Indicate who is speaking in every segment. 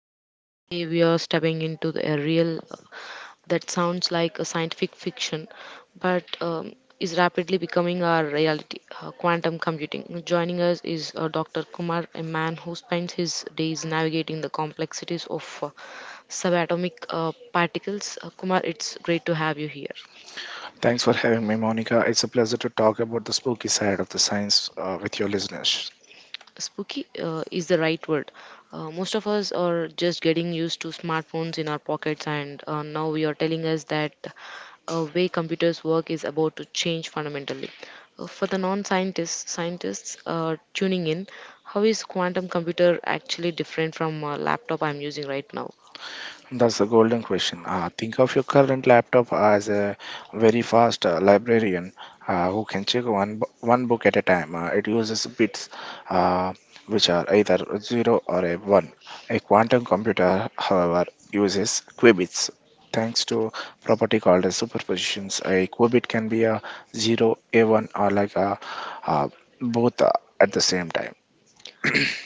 Speaker 1: Monica. Today we are stepping into a real that sounds like a scientific fiction, but is rapidly becoming our reality. Quantum computing. Joining us is Dr. Kumar, a man who spends his days navigating the complexities of subatomic particles. Kumar, it's great to have you here.
Speaker 2: Thanks for having me, Monica. It's a pleasure to talk about the spooky side of the science with your listeners.
Speaker 1: Spooky is the right word. Most of us are just getting used to smartphones in our pockets, and now we are telling us that way computers work is about to change fundamentally. For the scientists tuning in, how is quantum computer actually different from a laptop I'm using right now?
Speaker 2: That's a golden question. Think of your current laptop as a very fast librarian who can check one book at a time. It uses bits uh, which are either a 0 or a 1. A quantum computer, however, uses qubits. Thanks to property called as superpositions, a qubit can be a 0, a 1, or uh, both at the same time.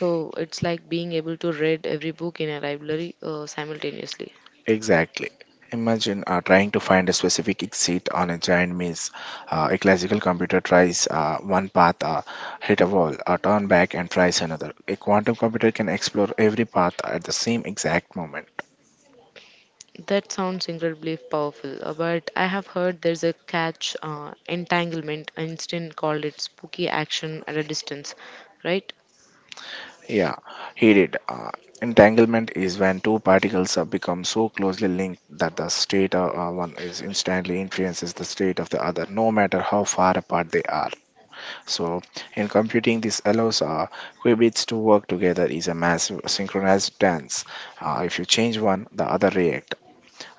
Speaker 1: So it's like being able to read every book in a library simultaneously.
Speaker 2: Exactly. Imagine trying to find a specific exit on a giant maze. A classical computer tries one path, hit a wall, turn back, and tries another. A quantum computer can explore every path at the same exact moment.
Speaker 1: That sounds incredibly powerful, but I have heard there's a catch entanglement. Einstein called it spooky action at a distance, right?
Speaker 2: Yeah, he did. Entanglement is when two particles become so closely linked that the state of one is instantly influences the state of the other, no matter how far apart they are. So, in computing, this allows qubits to work together is a massive synchronized dance. If you change one, the other react.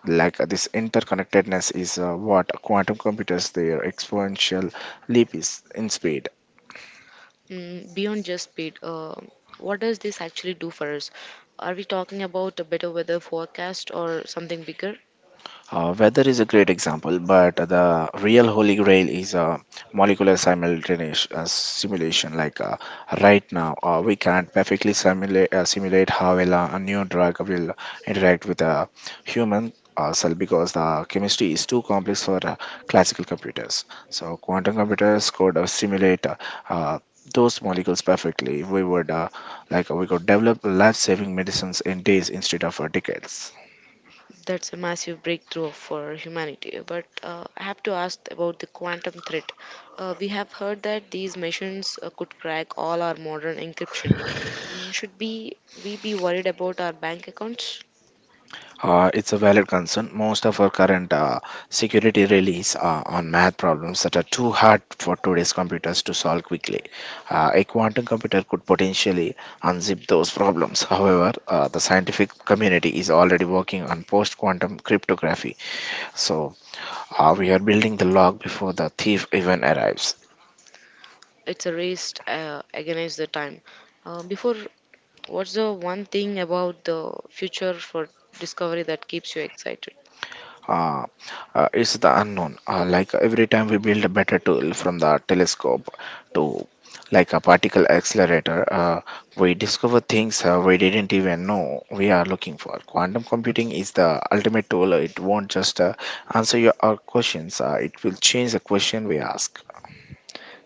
Speaker 2: This interconnectedness is what quantum computers their exponential leap is in speed.
Speaker 1: Mm, beyond just speed, what does this actually do for us? Are we talking about a better weather forecast or something bigger?
Speaker 2: Weather is a great example, but the real holy grail is a molecular simultaneous simulation. Right now, we can't perfectly simulate how well a new drug will interact with a human cell because the chemistry is too complex for classical computers. So, quantum computers could simulate uh, those molecules perfectly. We would like we could develop life-saving medicines in days instead of decades.
Speaker 1: That's a massive breakthrough for humanity. But I have to ask about the quantum threat. We have heard that these machines could crack all our modern encryption. Mm, should be we be worried about our bank accounts?
Speaker 2: It's a valid concern. Most of our current security release on math problems that are too hard for today's computers to solve quickly. A quantum computer could potentially unzip those problems. However, the scientific community is already working on post-quantum cryptography, so we are building the log before the thief even arrives.
Speaker 1: It's a race against the time. Before, what's the one thing about the future for discovery that keeps you excited?
Speaker 2: uh, it's the unknown. Every time we build a better tool from the telescope to like a particle accelerator, we discover things we didn't even know we are looking for. Quantum computing is the ultimate tool. It won't just answer your our questions. It will change the question we ask.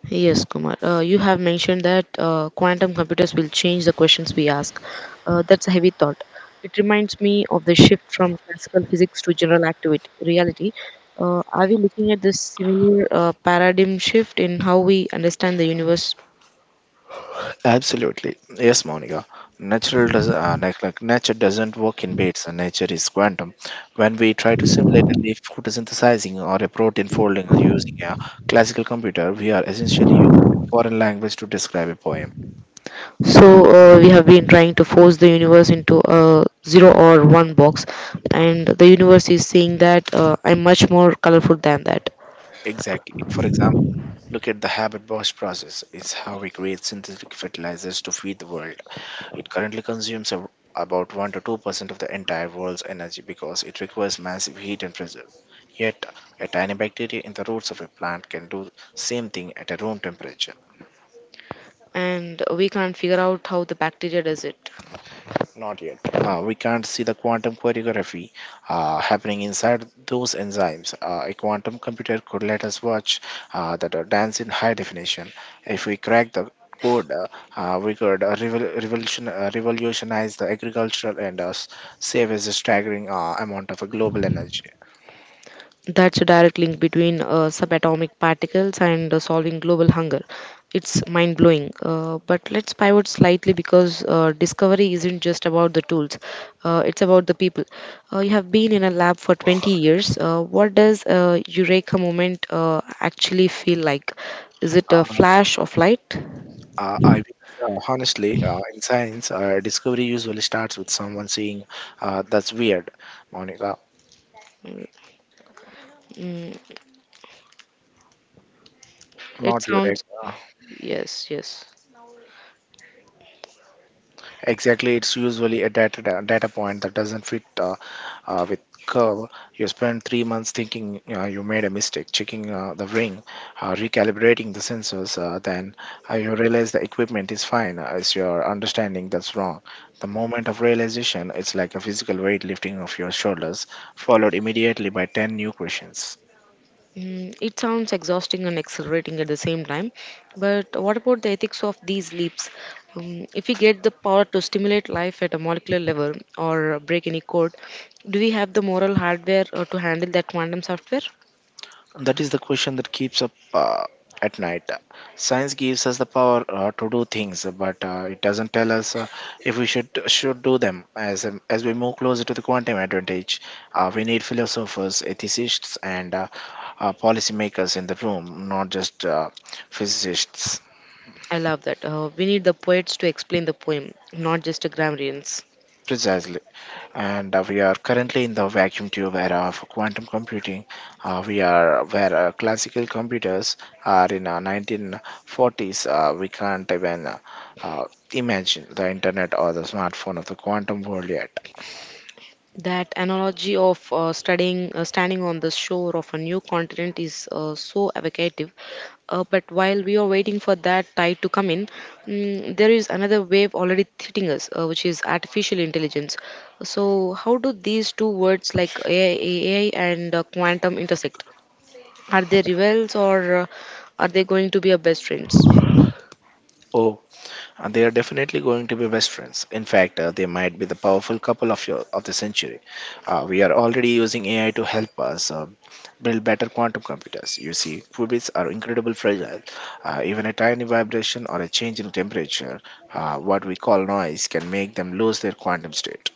Speaker 1: Yes, Kumar. You have mentioned that quantum computers will change the questions we ask. That's a heavy thought. It reminds me of the shift from classical physics to general activity reality. Are we looking at this similar paradigm shift in how we understand the universe?
Speaker 2: Absolutely. Yes, Monica. Natural does like nature doesn't work in bits and nature is quantum. When we try to simulate a leaf photosynthesizing or a protein folding or using a classical computer, we are essentially using a foreign language to describe a poem.
Speaker 1: So we have been trying to force the universe into a zero or one box, and the universe is saying that I'm much more colorful than that,
Speaker 2: Exactly. For example, look at the Haber Bosch process. It's how we create synthetic fertilizers to feed the world. It currently consumes about 1 to 2% of the entire world's energy because it requires massive heat and pressure. Yet, a tiny bacteria in the roots of a plant can do same thing at a room temperature.
Speaker 1: and we can't figure out how the bacteria does it.
Speaker 2: Not yet. We can't see the quantum choreography happening inside those enzymes. A quantum computer could let us watch that dance in high definition. If we crack the code, we could revolutionize the agricultural and save us a staggering amount of global energy.
Speaker 1: That's a direct link between subatomic particles and solving global hunger. It's mind blowing. But let's pivot slightly because discovery isn't just about the tools, it's about the people. You have been in a lab for 20 years. What does a Eureka moment actually feel like? Is it a
Speaker 2: Uh,
Speaker 1: flash of light?
Speaker 2: I wish. Honestly, in science, discovery usually starts with someone saying, "That's weird, Monica,
Speaker 1: Mm, it
Speaker 2: not your egg."
Speaker 1: sounds, yes, yes.
Speaker 2: Exactly, it's usually a data point that doesn't fit with curve. You spend 3 months thinking you made a mistake, checking the ring, recalibrating the sensors. Then you realize the equipment is fine. It's your understanding that's wrong. The moment of realization, it's like a physical weight lifting of your shoulders, followed immediately by 10 new questions.
Speaker 1: Mm, it sounds exhausting and exhilarating at the same time, but what about the ethics of these leaps? If we get the power to stimulate life at a molecular level or break any code, do we have the moral hardware to handle that quantum software?
Speaker 2: That is the question that keeps up at night. Science gives us the power to do things, but it doesn't tell us if we should do them. As we move closer to the quantum advantage, we need philosophers, ethicists, and policymakers in the room, not just physicists.
Speaker 1: I love that. We need the poets to explain the poem, not just the grammarians.
Speaker 2: Precisely. And we are currently in the vacuum tube era of quantum computing. We are where classical computers are in 1940s. We can't even uh, imagine the internet or the smartphone of the quantum world yet.
Speaker 1: That analogy of standing on the shore of a new continent is so evocative. But while we are waiting for that tide to come in, mm, there is another wave already hitting us, which is artificial intelligence. So, how do these two words like AI, and quantum intersect? Are they rivals or are they going to be a best friends?
Speaker 2: Oh, and they are definitely going to be best friends. In fact, they might be the powerful couple of the century. We are already using AI to help us build better quantum computers. You see, qubits are incredibly fragile. Even a tiny vibration or a change in temperature, what we call noise, can make them lose their quantum state.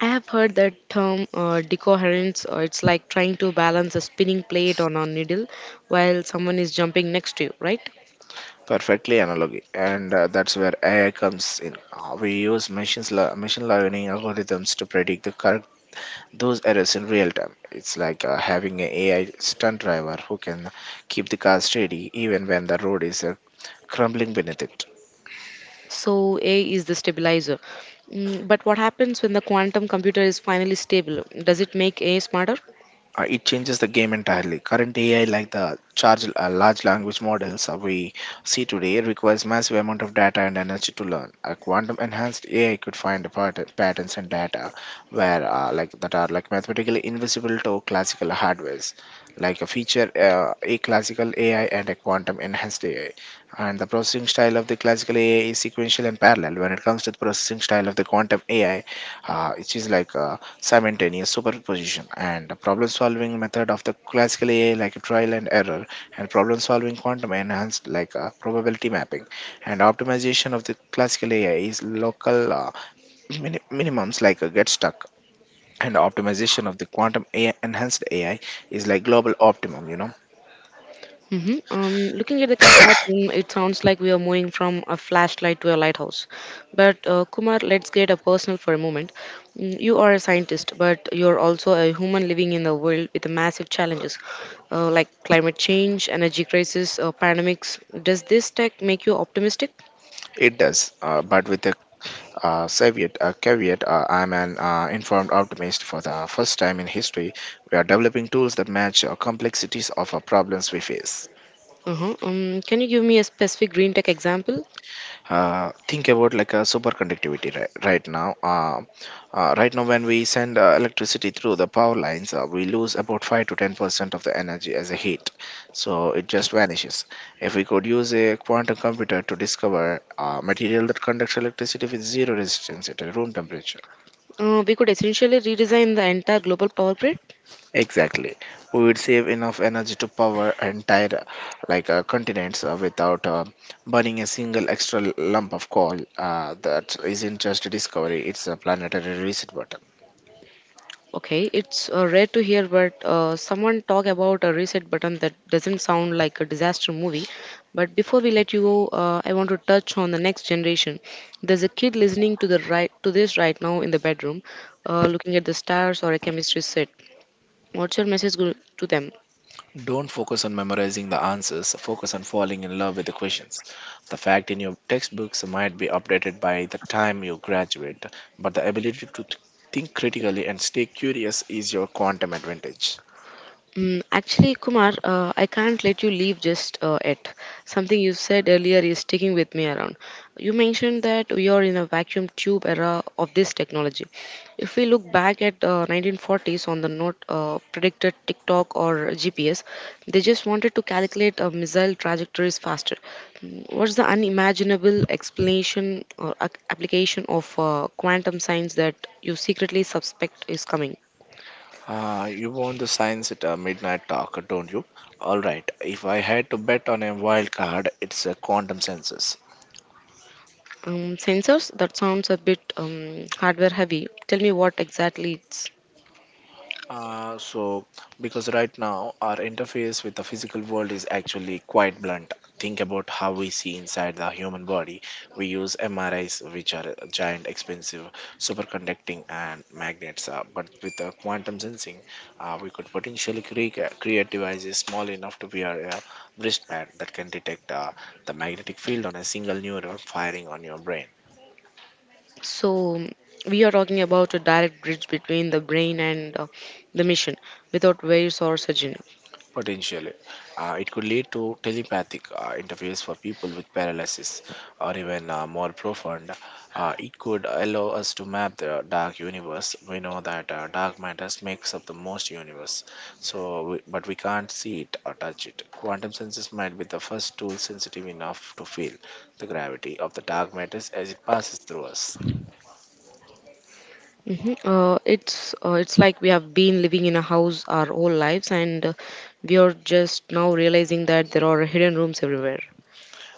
Speaker 1: I have heard that term decoherence. It's like trying to balance a spinning plate on a needle while someone is jumping next to you, right?
Speaker 2: Perfectly analogy, and that's where AI comes in. We use machine learning algorithms to predict the current those errors in real time. It's like having an AI stunt driver who can keep the car steady even when the road is crumbling beneath it.
Speaker 1: So, A is the stabilizer. Mm, but what happens when the quantum computer is finally stable? Does it make A smarter?
Speaker 2: It changes the game entirely. Current AI, like large language models we see today, requires massive amount of data and energy to learn. A quantum enhanced AI could find the patterns and data where like that are like mathematically invisible to classical hardwares, like a feature a classical AI and a quantum enhanced AI. And the processing style of the classical AI is sequential and parallel. When it comes to the processing style of the quantum AI, it is like simultaneous superposition. And the problem solving method of the classical AI, like a trial and error, and problem solving quantum enhanced, like probability mapping. And optimization of the classical AI is local minimums like a get stuck, and optimization of the quantum AI enhanced AI is like global optimum, you know.
Speaker 1: Hmm. Looking at the comparison, it sounds like we are moving from a flashlight to a lighthouse. But Kumar, let's get a personal for a moment. Mm, you are a scientist, but you're also a human living in a world with massive challenges like climate change, energy crisis, pandemics. Does this tech make you optimistic?
Speaker 2: It does, but with a Soviet, caveat. I'm an informed optimist. For the first time in history, we are developing tools that match complexities of problems we face.
Speaker 1: Uh-huh. Can you give me a specific green tech example?
Speaker 2: Think about like a superconductivity right now. Right now, when we send electricity through the power lines, we lose about 5 to 10% of the energy as a heat. So it just vanishes. If we could use a quantum computer to discover a material that conducts electricity with zero resistance at a room temperature.
Speaker 1: We could essentially redesign the entire global power grid.
Speaker 2: Exactly. We would save enough energy to power entire continents without burning a single extra lump of coal. That isn't just a discovery, it's a planetary reset button.
Speaker 1: Okay, it's rare to hear, but someone talk about a reset button that doesn't sound like a disaster movie. But before we let you go, I want to touch on the next generation. There's a kid listening to the right to this right now in the bedroom, looking at the stars or a chemistry set. What's your message to them?
Speaker 2: Don't focus on memorizing the answers, focus on falling in love with the questions. The fact in your textbooks might be updated by the time you graduate, but the ability to think critically and stay curious is your quantum advantage.
Speaker 1: Mm, actually, Kumar, I can't let you leave just yet. Something you said earlier is sticking with me around. You mentioned that we are in a vacuum tube era of this technology. If we look back at 1940s on the note predicted TikTok or GPS, they just wanted to calculate missile trajectories faster. Mm, what's the unimaginable explanation or application of quantum science that you secretly suspect is coming?
Speaker 2: You want the science at a midnight talk, don't you? All right. If I had to bet on a wild card, it's a quantum sensors.
Speaker 1: Sensors? That sounds a bit hardware heavy. Tell me what exactly it's.
Speaker 2: Uh, so, because right now our interface with the physical world is actually quite blunt. Think about how we see inside the human body. We use MRIs, which are giant, expensive, superconducting, and magnets. But with the quantum sensing, we could potentially create devices small enough to wear a wristband that can detect the magnetic field on a single neuron firing on your brain.
Speaker 1: So, we are talking about a direct bridge between the brain and the mission without wires or surgery.
Speaker 2: Potentially, it could lead to telepathic interface for people with paralysis, or even more profound, it could allow us to map the dark universe. We know that dark matter makes up the most universe, so but we can't see it or touch it. Quantum senses might be the first tool sensitive enough to feel the gravity of the dark matter as it passes through us.
Speaker 1: Hmm. It's like we have been living in a house our whole lives, and we are just now realizing that there are hidden rooms everywhere.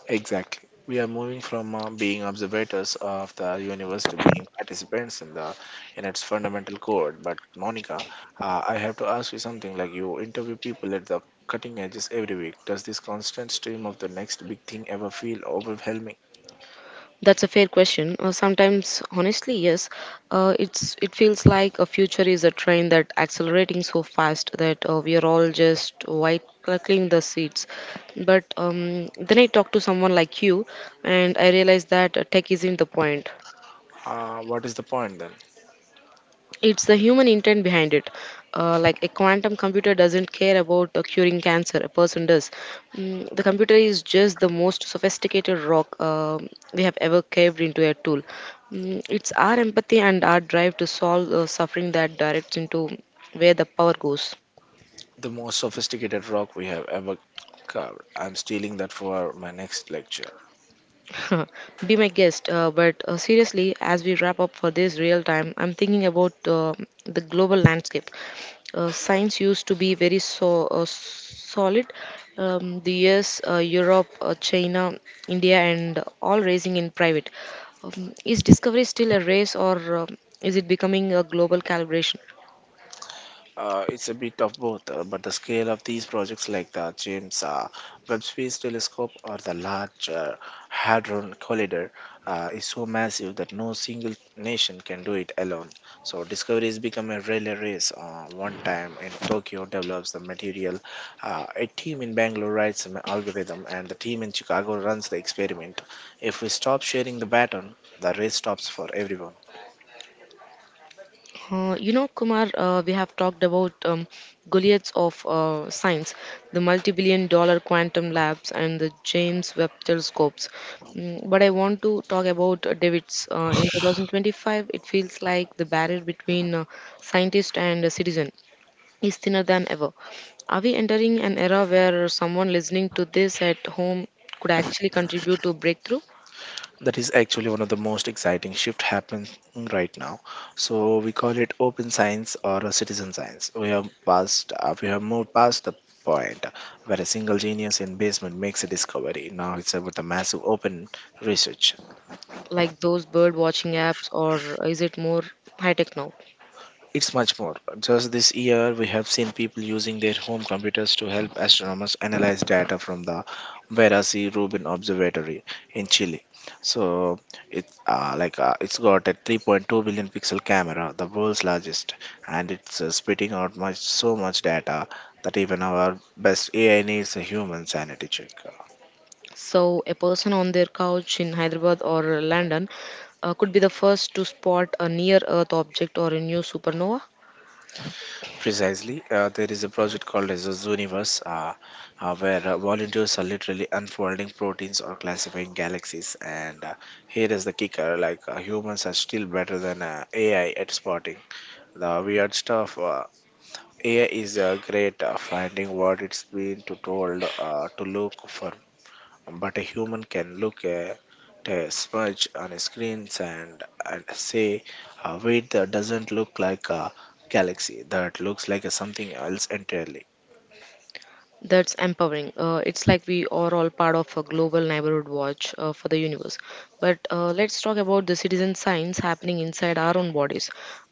Speaker 2: Exactly. We are moving from being observators of the universe to being participants in the in its fundamental core. But Monica, I have to ask you something. Like you interview people at the cutting edges every week. Does this constant stream of the next big thing ever feel overwhelming?
Speaker 1: That's a fair question. Sometimes, honestly, yes, it feels like a future is a train that accelerating so fast that we are all just white clucking the seats. But then I talk to someone like you, and I realize that tech isn't the point.
Speaker 2: What is the point then?
Speaker 1: It's the human intent behind it. Like a quantum computer doesn't care about curing cancer, a person does. Mm, the computer is just the most sophisticated rock we have ever caved into a tool. Mm, it's our empathy and our drive to solve suffering that directs into where the power goes.
Speaker 2: The most sophisticated rock we have ever carved. I'm stealing that for my next lecture.
Speaker 1: Be my guest. But Seriously, as we wrap up for this real time, I'm thinking about the global landscape. Science used to be very solid. The US, Europe, China, India, and all racing in private. Is discovery still a race, or is it becoming a global calibration?
Speaker 2: It's a bit of both, but the scale of these projects, like the James Webb Space Telescope or the Large Hadron Collider, is so massive that no single nation can do it alone. So, discovery has become a relay race. One time in Tokyo develops the material, a team in Bangalore writes an algorithm, and the team in Chicago runs the experiment. If we stop sharing the baton, the race stops for everyone.
Speaker 1: You know, Kumar, we have talked about Goliaths of science, the multi billion-dollar quantum labs, and the James Webb telescopes. Mm, but I want to talk about David's. In 2025, it feels like the barrier between scientist and citizen is thinner than ever. Are we entering an era where someone listening to this at home could actually contribute to breakthrough,
Speaker 2: That is actually one of the most exciting shift happening right now. So we call it open science or a citizen science. We have passed we have moved past the point where a single genius in basement makes a discovery. Now it's about the massive open research.
Speaker 1: like those bird watching apps, or is it more high tech now?
Speaker 2: It's much more. Just this year, we have seen people using their home computers to help astronomers analyze data from the Vera C. Rubin Observatory in Chile. So it's like it's got a 3.2 billion pixel camera, the world's largest, and it's spitting out much so much data that even our best AI needs a human sanity check.
Speaker 1: So, a person on their couch in Hyderabad or London could be the first to spot a near Earth object or a new supernova.
Speaker 2: Precisely. There is a project called as a Zooniverse, where volunteers are literally unfolding proteins or classifying galaxies. And here is the kicker: like humans are still better than AI at spotting the weird stuff. AI is great finding what it's been to told to look for, but a human can look at a smudge on a screen and say, wait, that doesn't look like a galaxy, that looks like a something else entirely.
Speaker 1: That's empowering. It's like we are all part of a global neighborhood watch for the universe. But let's talk about the citizen science happening inside our own bodies.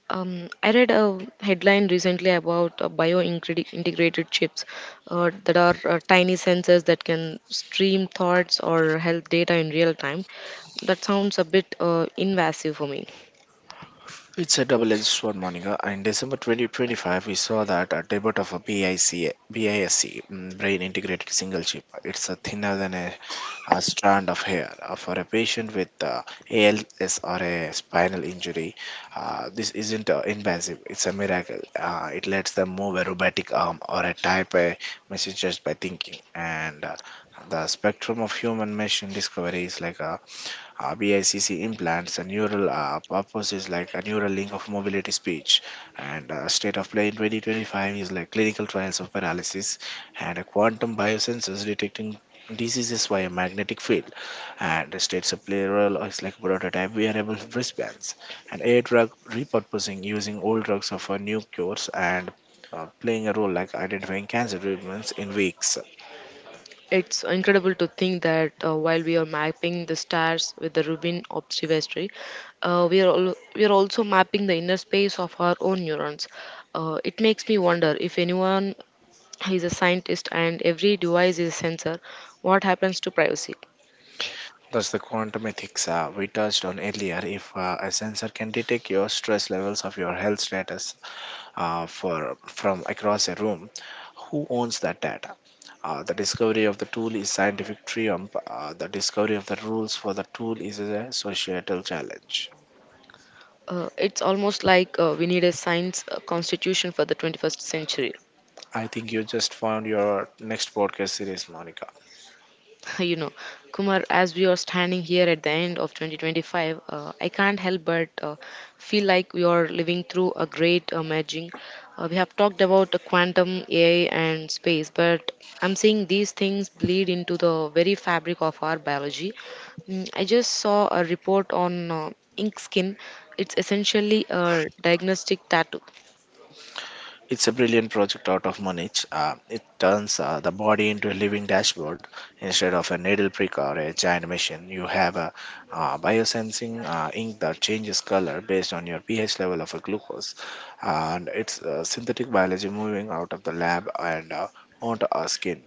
Speaker 1: I read a headline recently about bio-integrated chips that are tiny sensors that can stream thoughts or health data in real time. That sounds a bit invasive for me.
Speaker 2: It's a double-edged sword, Monica. In December 2025, we saw that a debut of a BIC, BISC, brain integrated single chip. It's a thinner than a strand of hair. For a patient with ALS or a spinal injury, this isn't invasive. It's a miracle. It lets them move a robotic arm or a type a message just by thinking. And the spectrum of human machine discovery is like a BICC implants a neural purpose is like a neural link of mobility speech, and state of play in 2025 is like clinical trials of paralysis, and a quantum biosensors detecting diseases via magnetic field, and the states of play is like prototype wearable wristbands, and air drug repurposing using old drugs for new cures and playing a role like identifying cancer treatments in weeks.
Speaker 1: It's incredible to think that while we are mapping the stars with the Rubin observatory, we are also mapping the inner space of our own neurons. It makes me wonder if anyone is a scientist and every device is a sensor, what happens to privacy?
Speaker 2: That's the quantum ethics we touched on earlier. If a sensor can detect your stress levels of your health status for from across a room, who owns that data? The discovery of the tool is scientific triumph. The discovery of the rules for the tool is a societal challenge.
Speaker 1: It's almost like we need a science constitution for the 21st century.
Speaker 2: I think you just found your next podcast series, Monica.
Speaker 1: You know, Kumar, as we are standing here at the end of 2025, I can't help but feel like we are living through a great merging. We have talked about the quantum AI and space, but I'm seeing these things bleed into the very fabric of our biology. Mm, I just saw a report on ink skin. It's essentially a diagnostic tattoo.
Speaker 2: It's a brilliant project out of Munich. It turns the body into a living dashboard instead of a needle prick or a giant machine. You have a biosensing ink that changes color based on your pH level of a glucose, and it's synthetic biology moving out of the lab and onto our skin.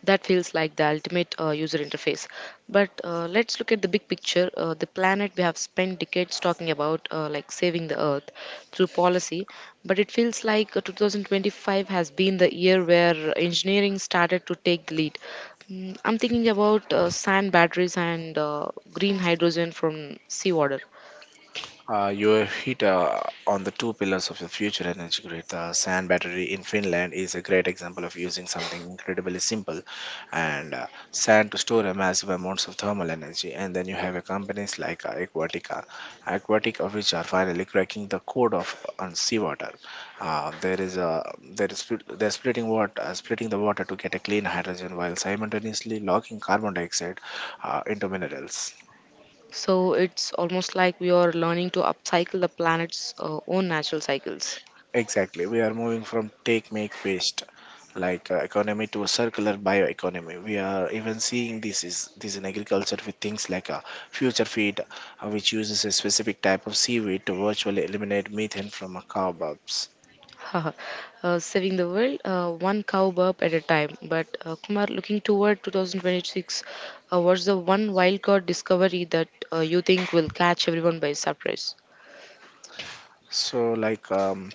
Speaker 1: That feels like the ultimate user interface. But let's look at the big picture. The planet we have spent decades talking about, like saving the Earth through policy, but it feels like 2025 has been the year where engineering started to take the lead. Mm, I'm thinking about sand batteries and green hydrogen from seawater.
Speaker 2: You hit on the two pillars of the future energy grid. The sand battery in Finland is a great example of using something incredibly simple and sand to store a massive amounts of thermal energy. And then you have companies like Aquatica, which are finally cracking the code of on seawater. There is a there is split- They're splitting water, splitting the water to get a clean hydrogen while simultaneously locking carbon dioxide into minerals.
Speaker 1: So it's almost like we are learning to upcycle the planet's own natural cycles.
Speaker 2: Exactly. We are moving from take, make, waste, like economy to a circular bioeconomy. We are even seeing this in agriculture with things like a future feed, which uses a specific type of seaweed to virtually eliminate methane from a carbobs.
Speaker 1: Haha. Saving the world one cow burp at a time. But Kumar, looking toward 2026, what's the one wild card discovery that you think will catch everyone by surprise?
Speaker 2: So, like,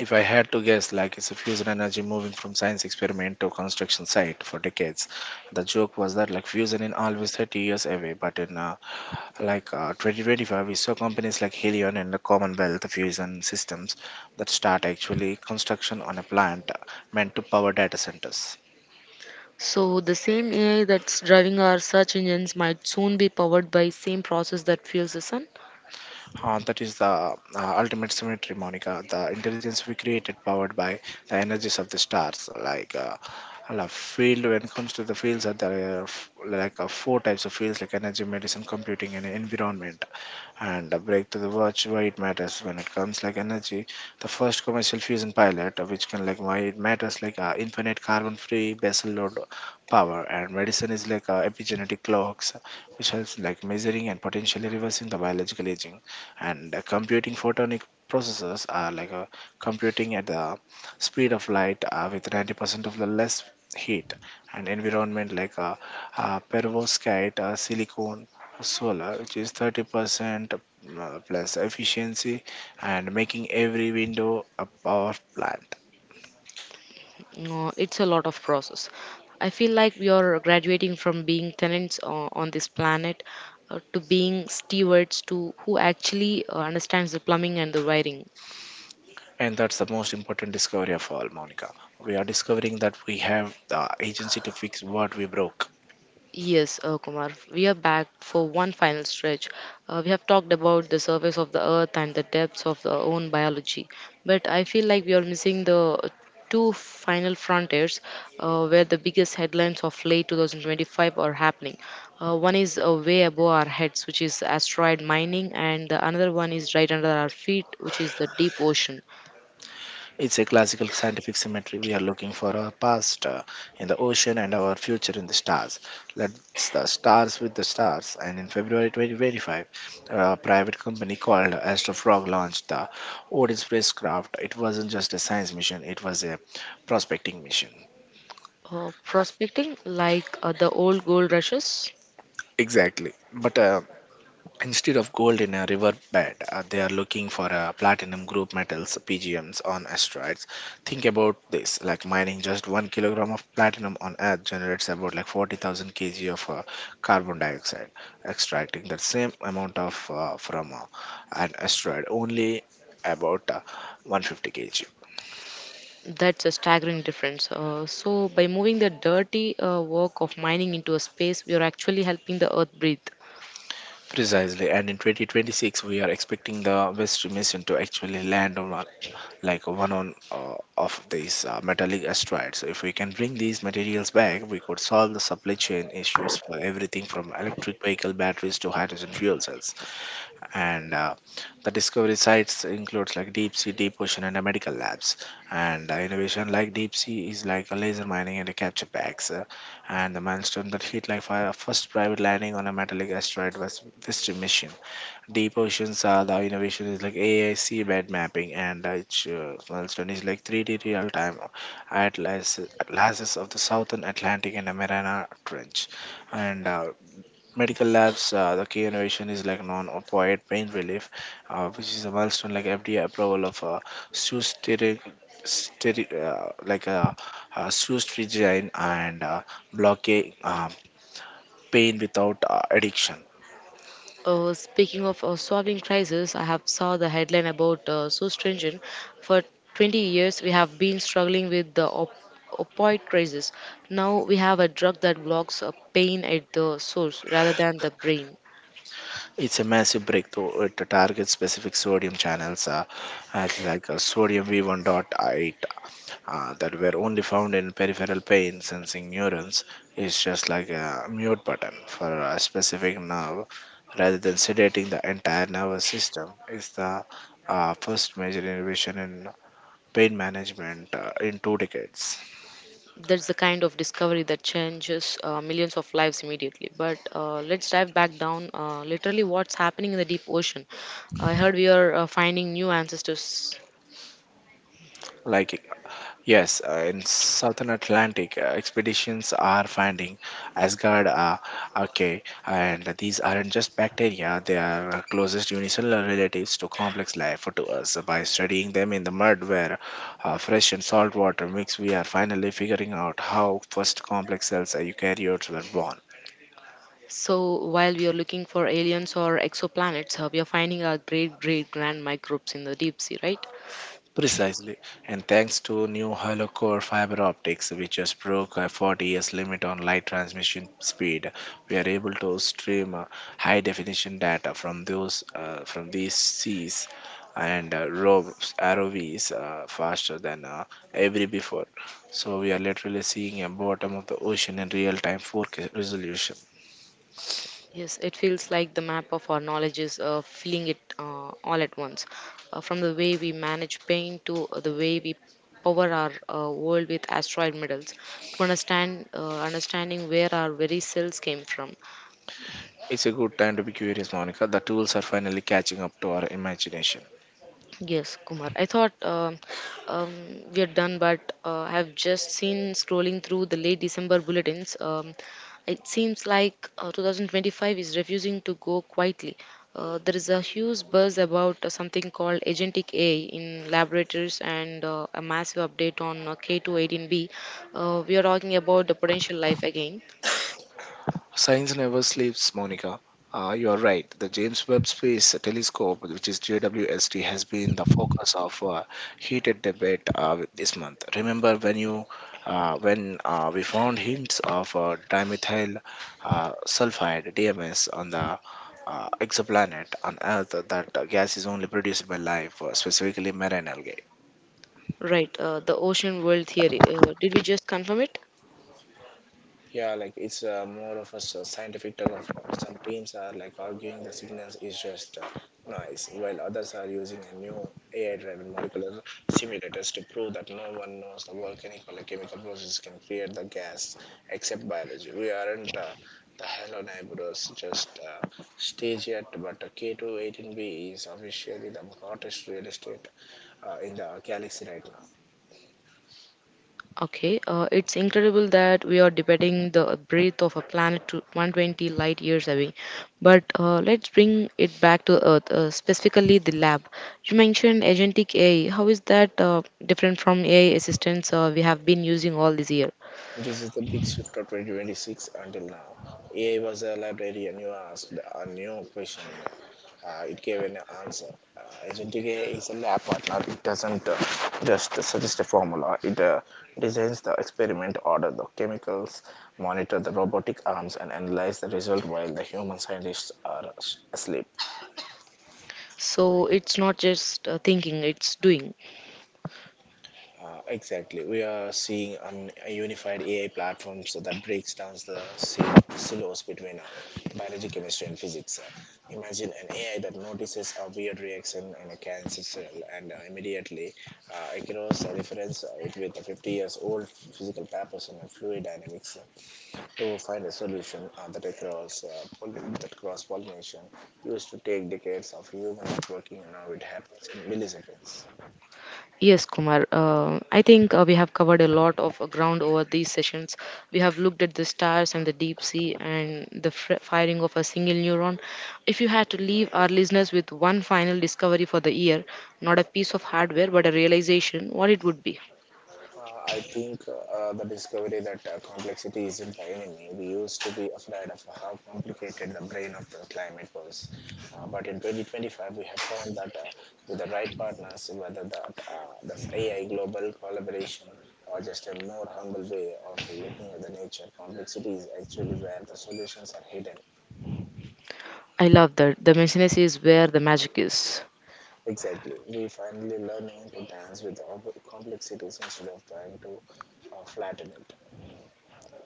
Speaker 2: if I had to guess, like, it's a fusion energy moving from science experiment to construction site for decades. The joke was that like fusion in always 30 years away, but in like 2025 we saw companies like Helion and the Commonwealth Fusion Systems that start actually construction on a plant meant to power data centers.
Speaker 1: So the same AI that's driving our search engines might soon be powered by same process that fuels the sun.
Speaker 2: That is the ultimate symmetry, Monica. The intelligence we created powered by the energies of the stars. Like a field when it comes to the fields are there are like four types of fields: like energy, medicine, computing, and environment. And a break to the watch why it matters when it comes like energy, the first commercial fusion pilot, which can like why it matters like infinite carbon free basal load power. And medicine is like epigenetic clocks which helps like measuring and potentially reversing the biological aging. And computing photonic processes are like computing at the speed of light with 90% of the less heat. And environment like perovskite silicon solar, which is 30% plus efficiency and making every window a power plant.
Speaker 1: No, it's a lot of process. I feel like we are graduating from being tenants on this planet to being stewards to who actually understands the plumbing and the wiring.
Speaker 2: And that's the most important discovery of all, Monica. We are discovering that we have the agency to fix what we broke.
Speaker 1: Yes, Kumar, we are back for one final stretch. We have talked about the surface of the earth and the depths of our own biology, but I feel like we are missing the two final frontiers where the biggest headlines of late 2025 are happening. One is way above our heads, which is asteroid mining, and the another one is right under our feet, which is the deep ocean.
Speaker 2: It's a classical scientific symmetry. We are looking for our past in the ocean and our future in the stars. Let's the stars with the stars. And in February 2025, a private company called Astrofrog launched the Odin spacecraft. It wasn't just a science mission; it was a prospecting mission.
Speaker 1: Prospecting, like the old gold rushes.
Speaker 2: Exactly. But Instead of gold in a river bed, they are looking for platinum group metals (PGMs) on asteroids. Think about this: like mining just 1 kilogram of platinum on Earth generates about like 40,000 kg of carbon dioxide. Extracting that same amount of from an asteroid only about 150 kg.
Speaker 1: That's a staggering difference. So, by moving the dirty work of mining into a space, we are actually helping the earth breathe.
Speaker 2: Precisely, and in 2026 we are expecting the West mission to actually land on like one on of these metallic asteroids. If we can bring these materials back, we could solve the supply chain issues for everything from electric vehicle batteries to hydrogen fuel cells. And the discovery sites includes like deep ocean, and medical labs. And innovation like deep sea is like a laser mining and a capture packs. And the milestone that hit like first private landing on a metallic asteroid was Vista mission. Deep oceans are the innovation is like AI seabed mapping and each milestone is like 3D real time atlases of the southern Atlantic and the Mariana Trench. And medical labs, the key innovation is like non-opioid pain relief, which is a milestone like FDA approval of susterin, steri- uh, like a, sustrigine, and blocking pain without addiction.
Speaker 1: Speaking of solving crisis, I have saw the headline about so stringent. For 20 years, we have been struggling with the opioid crisis. Now we have a drug that blocks pain at the source rather than the brain.
Speaker 2: It's a massive breakthrough. It targets specific sodium channels, as like sodium V1.8, that were only found in peripheral pain sensing neurons. It's just like a mute button for a specific nerve rather than sedating the entire nervous system. It's the first major innovation in pain management in two decades.
Speaker 1: That's the kind of discovery that changes millions of lives immediately. But let's dive back down literally what's happening in the deep ocean. I heard we are finding new ancestors.
Speaker 2: Like, yes, in Southern Atlantic, expeditions are finding Asgard, okay, and these aren't just bacteria, they are our closest unicellular relatives to complex life to us. By studying them in the mud where fresh and salt water mix, we are finally figuring out how first complex cells eukaryotes were born.
Speaker 1: So while we are looking for aliens or exoplanets, we are finding our great great grand microbes in the deep sea, right?
Speaker 2: Precisely, and thanks to new hollow core fiber optics, which just broke a 40 years limit on light transmission speed, we are able to stream high definition data from those from these seas and ROVs faster than ever before. So we are literally seeing a bottom of the ocean in real time 4K resolution.
Speaker 1: Yes, it feels like the map of our knowledge is filling it all at once. From the way we manage pain to the way we power our world with asteroid medals, to understanding where our very cells came from.
Speaker 2: It's a good time to be curious, Monica. The tools are finally catching up to our imagination.
Speaker 1: Yes, Kumar. I thought um, we are done, but I have just seen scrolling through the late December bulletins. It seems like 2025 is refusing to go quietly. There is a huge buzz about something called agentic AI in laboratories and a massive update on K218B. We are talking about the potential life again.
Speaker 2: Science never sleeps, Monica. You are right. The James Webb Space Telescope, which is JWST, has been the focus of heated debate this month. Remember when you when we found hints of dimethyl sulfide (DMS) on the exoplanet on Earth that gas is only produced by life, specifically marine algae.
Speaker 1: Right, the ocean world theory. Did we just confirm it?
Speaker 2: Yeah, like it's more of a scientific term. Of course, some teams are like arguing the signals is just noise, while others are using a new AI-driven molecular simulators to prove that no one knows the volcanic or the chemical process can create the gas except biology. We aren't the hello neighbors, just stage yet, but K 218 B is officially the hottest real estate in the galaxy right now.
Speaker 1: Okay, it's incredible that we are debating the breath of a planet to 120 light years away. But let's bring it back to Earth, specifically the lab. You mentioned agentic AI. How is that different from AI assistants we have been using all this year?
Speaker 2: This is the big shift of 2026 until now. AI was a library and you asked a new question. It gave an answer. Agentic AI is a lab partner. It doesn't just suggest a formula. It designs the experiment, order the chemicals, monitor the robotic arms, and analyze the result while the human scientists are asleep.
Speaker 1: So it's not just thinking, it's doing.
Speaker 2: Exactly. We are seeing a unified AI platform so that breaks down the silos between biology, chemistry, and physics. Imagine an AI that notices a weird reaction in a cancer cell and immediately ignores a reference it with a 50 years old physical papers and fluid dynamics to find a solution that across that cross pollination used to take decades of human working. And now it happens in milliseconds.
Speaker 1: Yes, Kumar. I think we have covered a lot of ground over these sessions. We have looked at the stars and the deep sea and the firing of a single neuron. If you had to leave our listeners with one final discovery for the year, not a piece of hardware but a realization, what it would be?
Speaker 2: I think the discovery that complexity isn't the enemy. We used to be afraid of how complicated the brain of the climate was. But in 2025, we have found that with the right partners, whether that this AI global collaboration or just a more humble way of looking at the nature, complexity is actually where the solutions are hidden.
Speaker 1: I love that. The messiness is where the magic is.
Speaker 2: Exactly. We finally learning to dance with the complexities instead of trying to flatten it.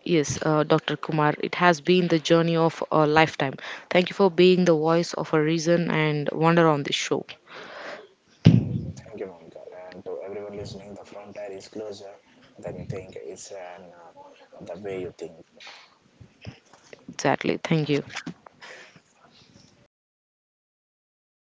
Speaker 1: Yes, Dr. Kumar, it has been the journey of a lifetime. Thank you for being the voice of a reason and wonder on this show.
Speaker 2: Uh, Thank you, Monica. And to everyone listening, the frontier is closer than you think. It's the way you think.
Speaker 1: Exactly. Thank you.
Speaker 2: Thank you, Monica.